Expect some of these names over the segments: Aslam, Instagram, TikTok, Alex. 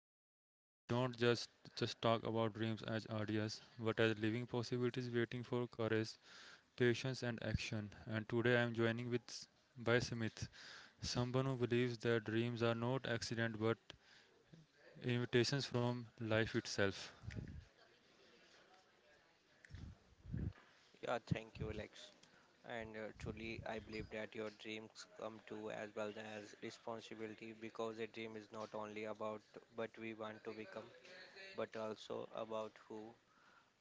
where you- We don't just talk about dreams as ideas, but as living possibilities waiting for courage, patience and action. And today I am joining with by Smith, someone who believes that dreams are not accident but invitations from life itself. Yeah, thank you, Alex. And truly, I believe that your dreams come true as well as responsibility because a dream is not only about what we want to become, but also about who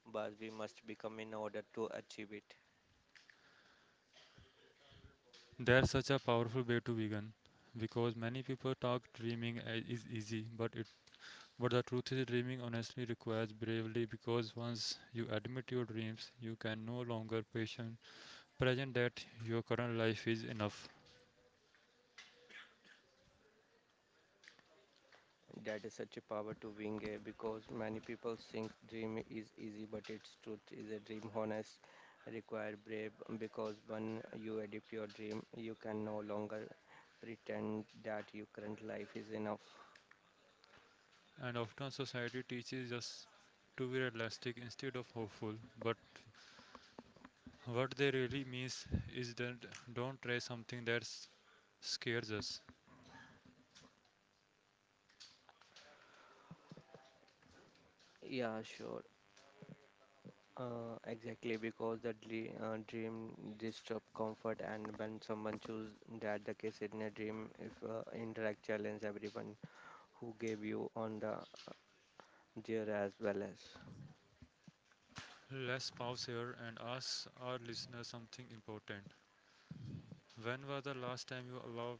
but we must become in order to achieve it. That's such a powerful way to begin because many people talk is easy, but the truth is, dreaming honestly requires bravery because once you admit your dreams, you can no longer patient, present that your current life is enough. That is such a power to wing a because many people think dream is easy, but its truth is a dream honest require brave because when you adapt your dream, you can no longer pretend that your current life is enough. And often society teaches us to be realistic instead of hopeful. But what they really means is that don't try something that scares us. Yeah, sure. Exactly, because the dream disrupt comfort, and when someone choose that the case in a dream, if interact challenge everyone who gave you on the dear as well as, Let's pause here and ask our listeners something important. When was the last time you allowed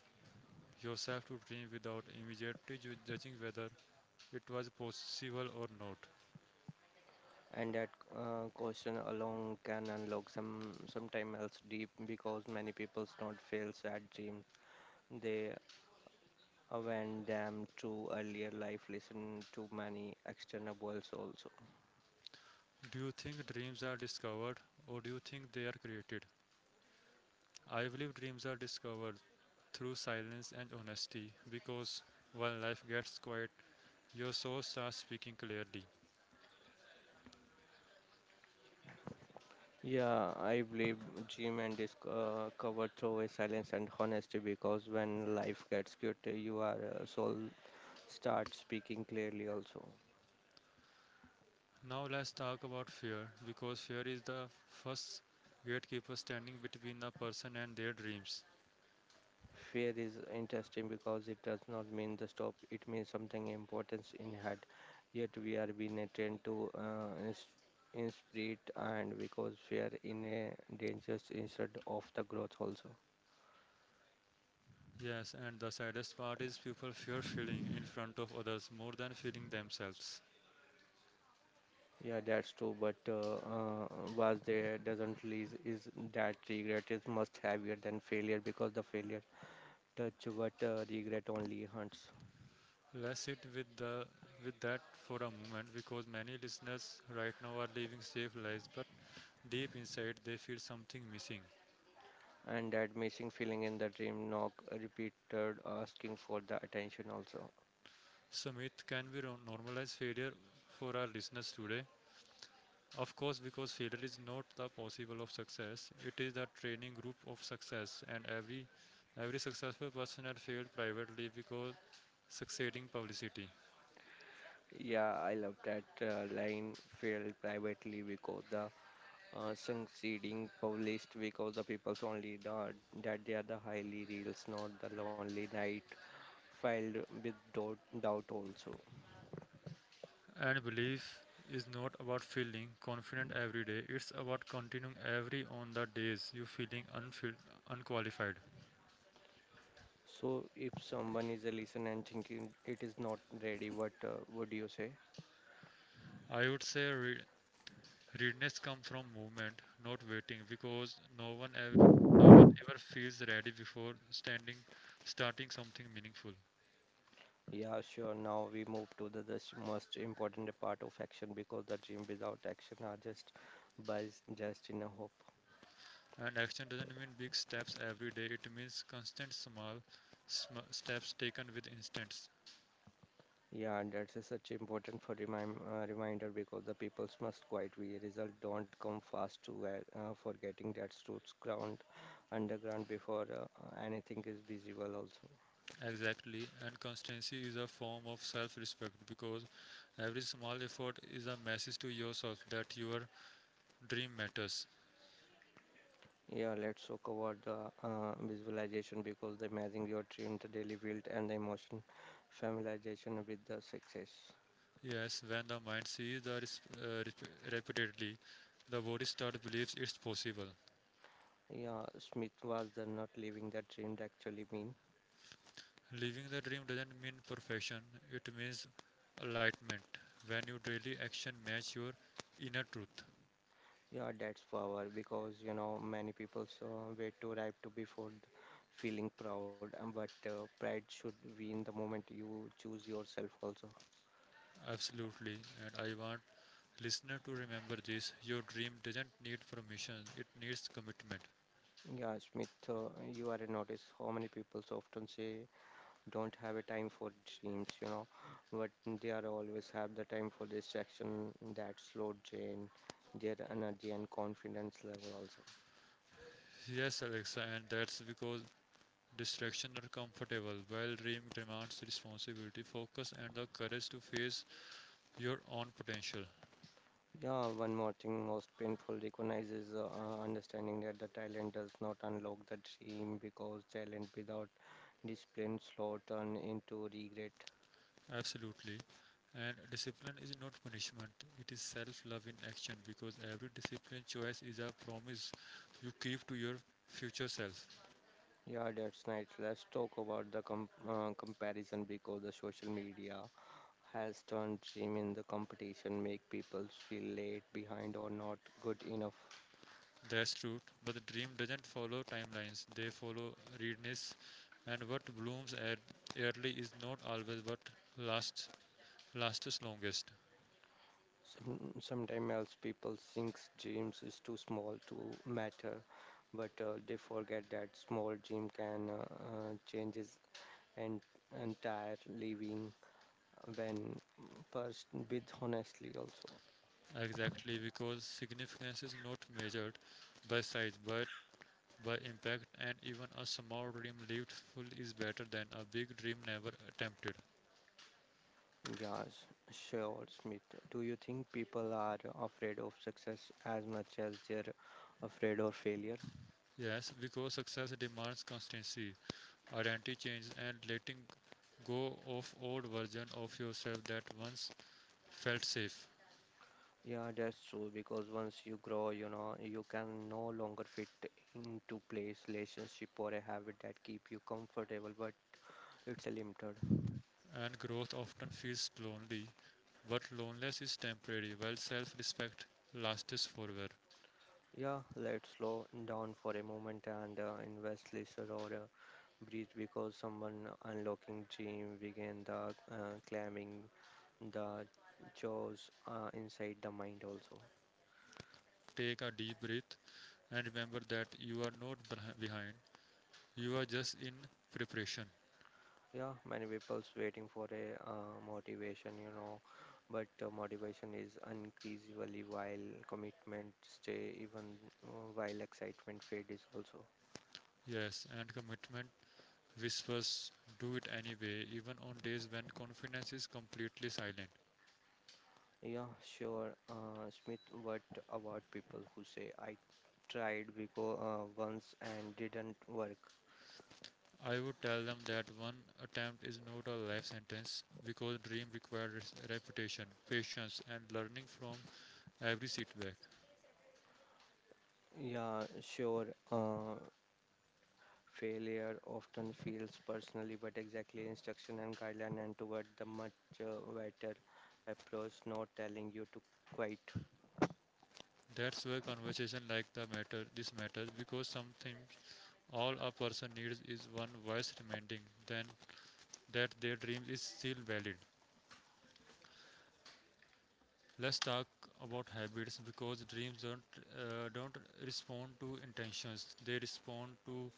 yourself to dream without immediately judging whether it was possible or not. and that question alone can unlock some sometime else deep because many people's not fail sad dream. They awaken them to earlier life, listen to many external voices also. Do you think dreams are discovered or do you think they are created? I believe dreams are discovered through silence and honesty because when life gets quiet, your soul starts speaking clearly. Yeah, I believe gym and is covered through a silence and honesty because when life gets good, you are soul start speaking clearly also. Now let's talk about fear because fear is the first gatekeeper standing between a person and their dreams. Fear is interesting because it does not mean the stop, it means something important in head. Yet we are being trained to in spirit and because fear in a dangers instead of the growth also. Yes, and the saddest part is people fear feeling in front of others more than feeling themselves. Yeah, that's true, but was there doesn't least is that regret is much heavier than failure because the failure touch what regret only hunts, Let's sit with that for a moment because many listeners right now are living safe lives but deep inside they feel something missing. and that missing feeling in the dream knock repeated asking for the attention also. Sumit, can we normalize failure for our listeners today? Of course, because failure is not the possible of success. It is the training group of success, and every successful person had failed privately because succeeding publicity. Yeah, I love that line failed privately because the succeeding published because the people's only the that they are the highly reels, not the lonely night filed with doubt also. And belief is not about feeling confident every day. It's about continuing every on the days you feeling unqualified. So, if someone is a listener and thinking it is not ready, what would you say? I would say readiness comes from movement, not waiting, because no one ever feels ready before standing starting something meaningful. Yeah, sure. Now we move to this most important part of action because the dream without action are just buys just in a hope. And action doesn't mean big steps every day. It means constant small steps taken with instance. Yeah, and that's a such important for reminder because the peoples must quite we result don't come fast to where, forgetting that roots ground underground before anything is visible also. Exactly, and constancy is a form of self respect because every small effort is a message to yourself that your dream matters. Yeah, let's talk about the visualization because the imagining your dream, the daily build, and the emotion familiarization with the success. Yes, when the mind sees the repeatedly, the body start believes it's possible. Yeah, Smith was the not living the dream that actually mean. Living the dream doesn't mean perfection, it means enlightenment. When your daily action match your inner truth. Yeah, that's power because you know many people wait to arrive to before feeling proud, and but pride should be in the moment you choose yourself also. Absolutely, and I want listener to remember this your dream doesn't need permission, it needs commitment. Yeah, Smith, you are notice how many people often say don't have a time for dreams, you know, but they are always have the time for distraction that slow drain their energy and confidence level also. Yes, Alexa, and that's because distractions are comfortable, while dream demands responsibility, focus, and the courage to face your own potential. Yeah, one more thing most painful recognizes understanding that the talent does not unlock the dream because talent without discipline slow turn into regret. Absolutely. And discipline is not punishment, it is self love in action because every discipline choice is a promise you keep to your future self. Yeah, that's nice. Let's talk about the comparison because the social media has turned gym in the competition make people feel late behind or not good enough. That's true, but the dream doesn't follow timelines, they follow readiness, and what blooms at early is not always what lasts lasts longest. Some, sometimes else people think gyms is too small to matter, but they forget that small gym can changes and entire living when pursued with honestly also. Exactly, because significance is not measured by size but by impact, and even a small dream lived full is better than a big dream never attempted. Yes, sure, Smith. Do you think people are afraid of success as much as they're afraid of failure? Yes, because success demands constancy, identity change, and letting go of old version of yourself that once felt safe. Yeah, that's true because once you grow, you know, you can no longer fit into place, relationship or a habit that keep you comfortable, but it's a limited. And growth often feels lonely, but loneliness is temporary, while self-respect lasts forever. Yeah, let's slow down for a moment and invest lesser or breathe because someone unlocking dream begin the climbing the jaws inside the mind also. Take a deep breath and remember that you are not behind. You are just in preparation. Yeah, many people's waiting for a motivation, you know, but motivation is increasingly while commitment stay even while excitement fade is also. Yes, and commitment whispers, do it anyway, even on days when confidence is completely silent. Yeah, sure, Smith. What about people who say I tried because once and didn't work? I would tell them that one attempt is not a life sentence because dream requires repetition, patience, and learning from every setback. Yeah, sure. Failure often feels personally, but exactly instruction and guideline and toward the much better approach, not telling you to quite. That's why conversation like the matter this matters because something all a person needs is one voice reminding them that their dream is still valid. Let's talk about habits because dreams don't respond to intentions. They respond to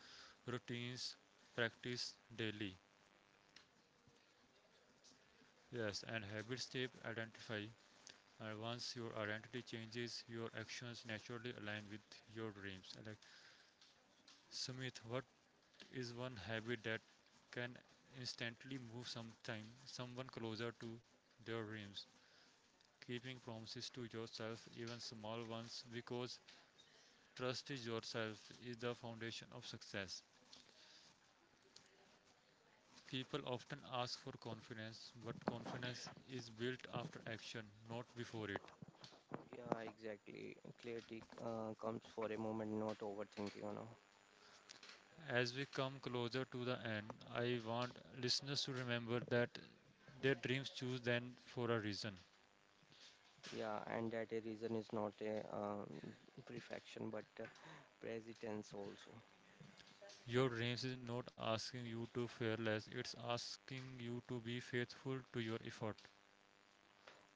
routines practice daily. Yes, and habits shape identify. And once your identity changes, your actions naturally align with your dreams. Like Sumit, what is one habit that can instantly move sometime someone closer to their dreams? Keeping promises to yourself, even small ones, because trust in yourself is the foundation of success. People often ask for confidence, but confidence is built after action, not before it. Yeah, exactly. Clarity comes for a moment, not overthinking, you know. As we come closer to the end, I want listeners to remember that their dreams choose them for a reason. Yeah, and that a reason is not a perfection, but presence also. Your dreams is not asking you to fear less, it's asking you to be faithful to your effort.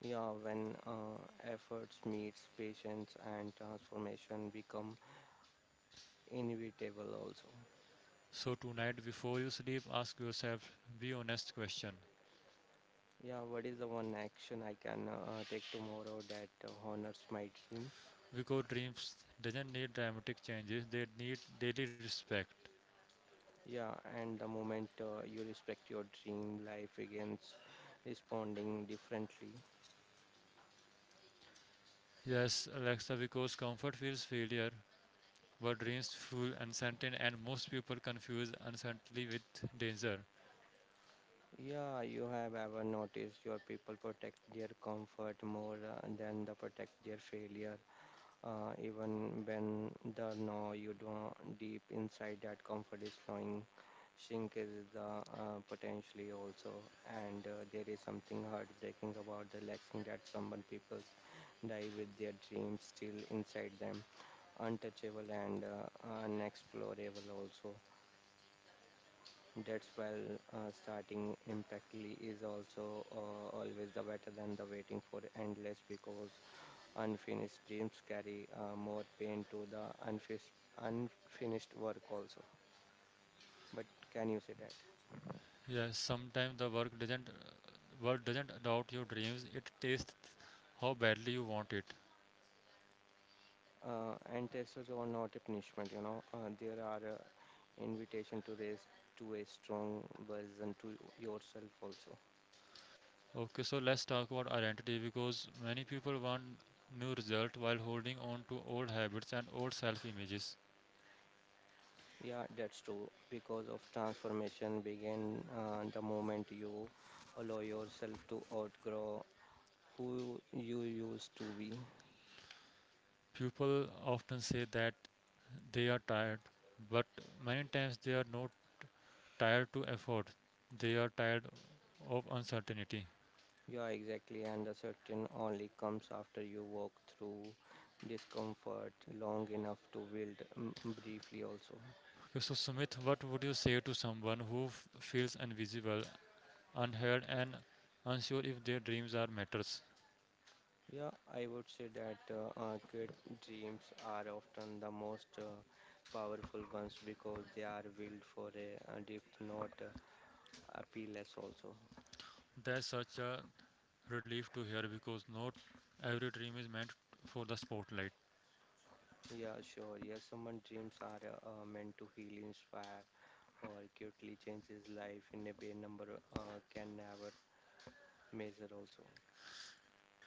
Yeah, when efforts meets patience and transformation become inevitable also. So tonight before you sleep ask yourself be honest question. Yeah, what is the one action I can take tomorrow that honors my dream? Because dreams doesn't need dramatic changes, they need daily respect. Yeah, and the moment you respect your dream, life begins responding differently. Yes, Alexa, because comfort feels failure, but dreams feel uncertain and most people confuse uncertainty with danger. Yeah, you have ever noticed your people protect their comfort more than they protect their failure. Even when the know you don't deep inside that comfort is slowing shrink is the potentially also, and there is something heartbreaking about the relaxing that someone people's die with their dreams still inside them untouchable and unexplorable also. That's why starting impactly is also always the better than the waiting for endless because unfinished dreams carry more pain to the unfinished work also, but can you say that Yes, sometimes the work doesn't doubt your dreams, it tastes how badly you want it. And tests are not a punishment, you know, there are invitation to raise to a strong version to yourself also. Okay, so let's talk about identity because many people want new result while holding on to old habits and old self images. Yeah, that's true because of transformation begin the moment you allow yourself to outgrow who you used to be. People often say that they are tired, but many times they are not tired to effort. They are tired of uncertainty. Yeah, exactly. And the certain only comes after you walk through discomfort long enough to build briefly also. Okay, so, Sumit, what would you say to someone who feels invisible, unheard, and unsure if their dreams are matters? Yeah, I would say that good dreams are often the most powerful ones because they are built for a deep, not appealless also. That's such a relief to hear because not every dream is meant for the spotlight. Yeah, sure. Yeah, someone dreams are meant to heal, inspire, or acutely change his life in a way number can never measure also.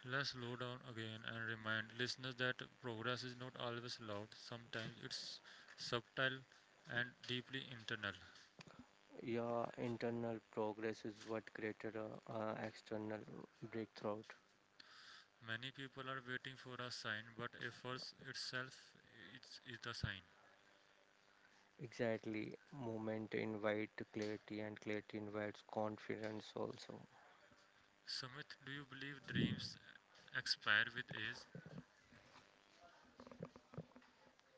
Let's slow down again and remind listeners that progress is not always loud, sometimes it's subtle and deeply internal. Yeah, internal progress is what created a, external breakthrough. Many people are waiting for a sign, but efforts itself is the sign. Exactly. Movement invite clarity and clarity invites confidence also. Sumit, do you believe dreams expire with age?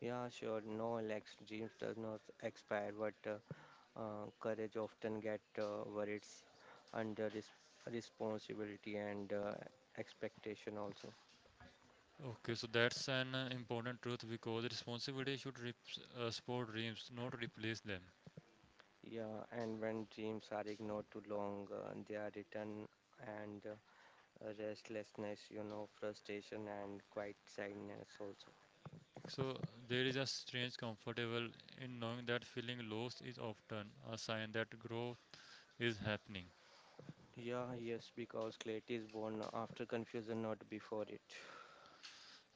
Yeah, sure. No, Alex, dreams does not expire, but courage often get worried under res responsibility and expectation also. Okay, so that's an important truth because responsibility should support dreams, not replace them. Yeah, and when dreams are ignored too long, they are returned and restlessness, you know, frustration, and quite sadness also. So there is a strange comfortable in knowing that feeling lost is often a sign that growth is happening. Yeah, yes, because clarity is born after confusion, not before it.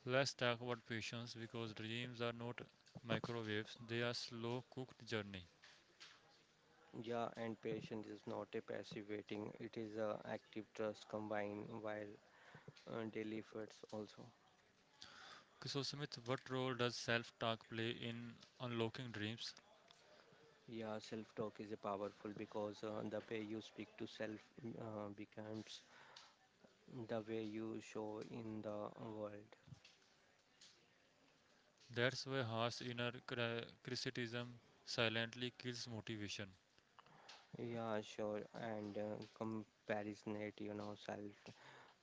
Let's talk about patience because dreams are not microwaves, they are slow cooked journey. Yeah, and patience is not a passive waiting, it is a active trust combined while daily efforts also. Okay, so Smith, what role does self-talk play in unlocking dreams? Yeah, self-talk is a powerful because the way you speak to self becomes the way you show in the world. That's why harsh inner criticism silently kills motivation. Yeah, sure, and comparison it, you know, self.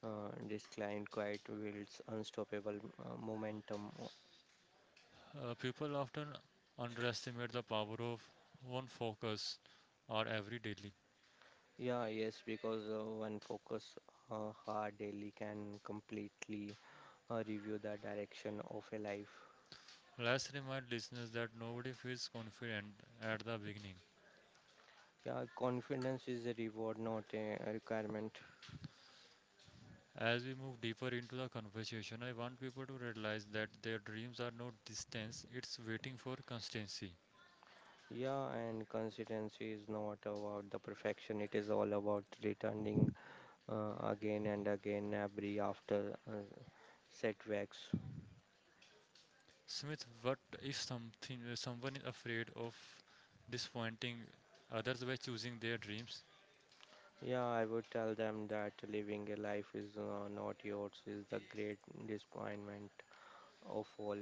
This client quite builds unstoppable momentum. People often underestimate the power of one focus or every daily. Yeah, yes, because one focus hard daily can completely review the direction of a life. Let's remind listeners that nobody feels confident at the beginning. Yeah, confidence is a reward, not a requirement. As we move deeper into the conversation, I want people to realize that their dreams are not distance, it's waiting for constancy. Yeah, and consistency is not about the perfection. It is all about returning again and again every after uh, setbacks. Smith, what if something someone is afraid of disappointing others by choosing their dreams? Yeah, I would tell them that living a life is not yours is the great disappointment of all.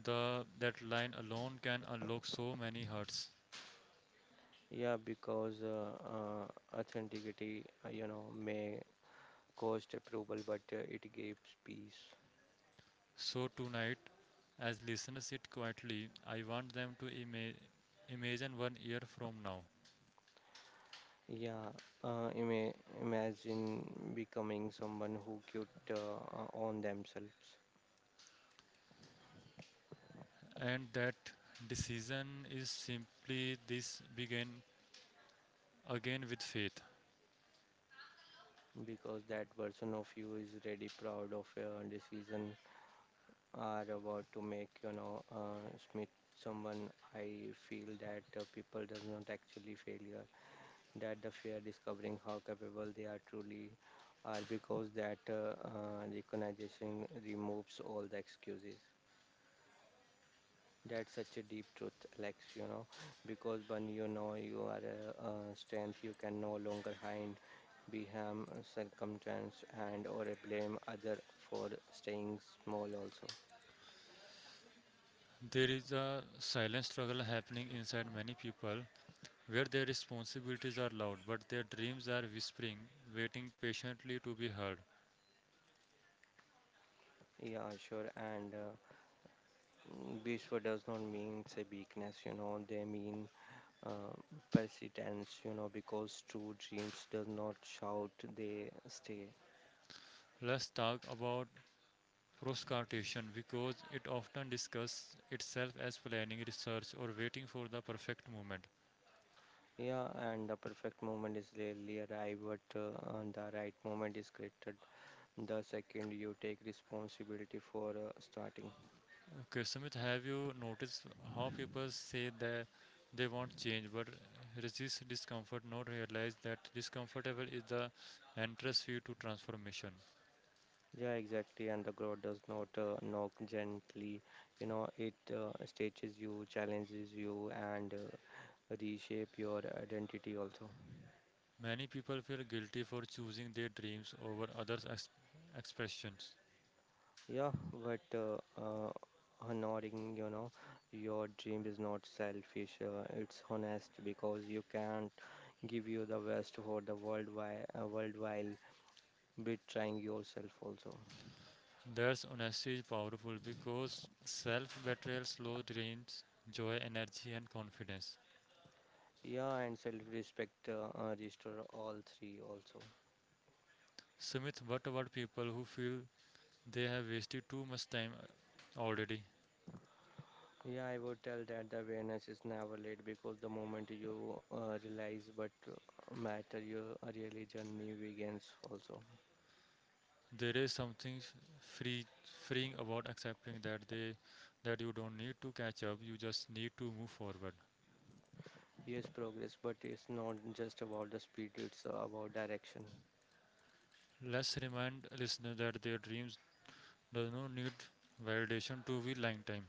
The that line alone can unlock so many hearts. Yeah, because authenticity, you know, may cost approval, but it gives peace. So tonight, as listeners sit quietly, I want them to imagine one year from now, Yeah, uh, ima- imagine becoming someone who could own themselves and that decision is simply this: begin again with faith. because that version of you is really proud of your decision are about to make, you know. Smith, someone I feel that people does not actually failure that the fear discovering how capable they are truly are because that recognition removes all the excuses. That's such a deep truth, Alex, you know, because when you know you are a, strength you can no longer hide behind circumstance and or blame other for staying small also. There is a silent struggle happening inside many people where their responsibilities are loud but their dreams are whispering, waiting patiently to be heard. Yeah, sure. And Bishwa does not mean a weakness, you know, they mean uh, persistence, you know, because true dreams does not shout, they stay. Let's talk about proscartation because it often discusses itself as planning, research, or waiting for the perfect moment. Yeah, and the perfect moment is rarely arrive, but and the right moment is created the second you take responsibility for starting. Okay, Sumit, have you noticed how people say that they want change but resist discomfort, not realize that discomfortable is the entrance fee to transformation? Yeah, exactly, and the growth does not knock gently, you know, it stages you, challenges you, and reshape your identity also. Many people feel guilty for choosing their dreams over others' expressions. Yeah, but honoring, you know, your dream is not selfish. It's honest because you can't give you the best for the world while betraying yourself also. There's honesty is powerful because self betrayal slows dreams, joy, energy, and confidence. Yeah, and self-respect restore all three also. Sumit, what about people who feel they have wasted too much time already? Yeah, I would tell that the awareness is never late because the moment you realize but matter, your really journey begins also. There is something free, freeing about accepting that they that you don't need to catch up. You just need to move forward. Yes, progress, but it's not just about the speed, it's about direction. Let's remind listeners that their dreams does not need validation to be lifetime.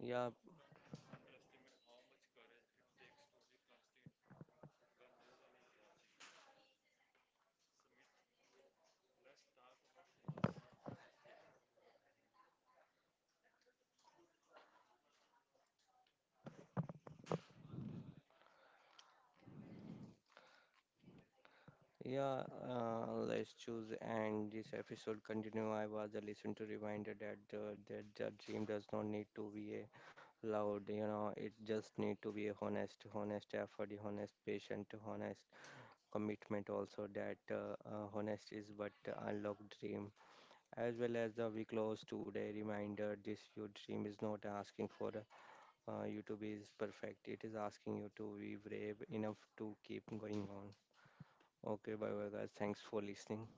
Yeah, yeah, let's choose and this episode continue. I was a listen to reminder that that the dream does not need to be a loud, you know, it just need to be a honest, honest effort, honest patient, honest commitment also that honest is but unlocked dream. As well as the we close today reminder this your dream is not asking for. YouTube is perfect. It is asking you to be brave enough to keep going on. Okay, bye bye guys. Thanks for listening.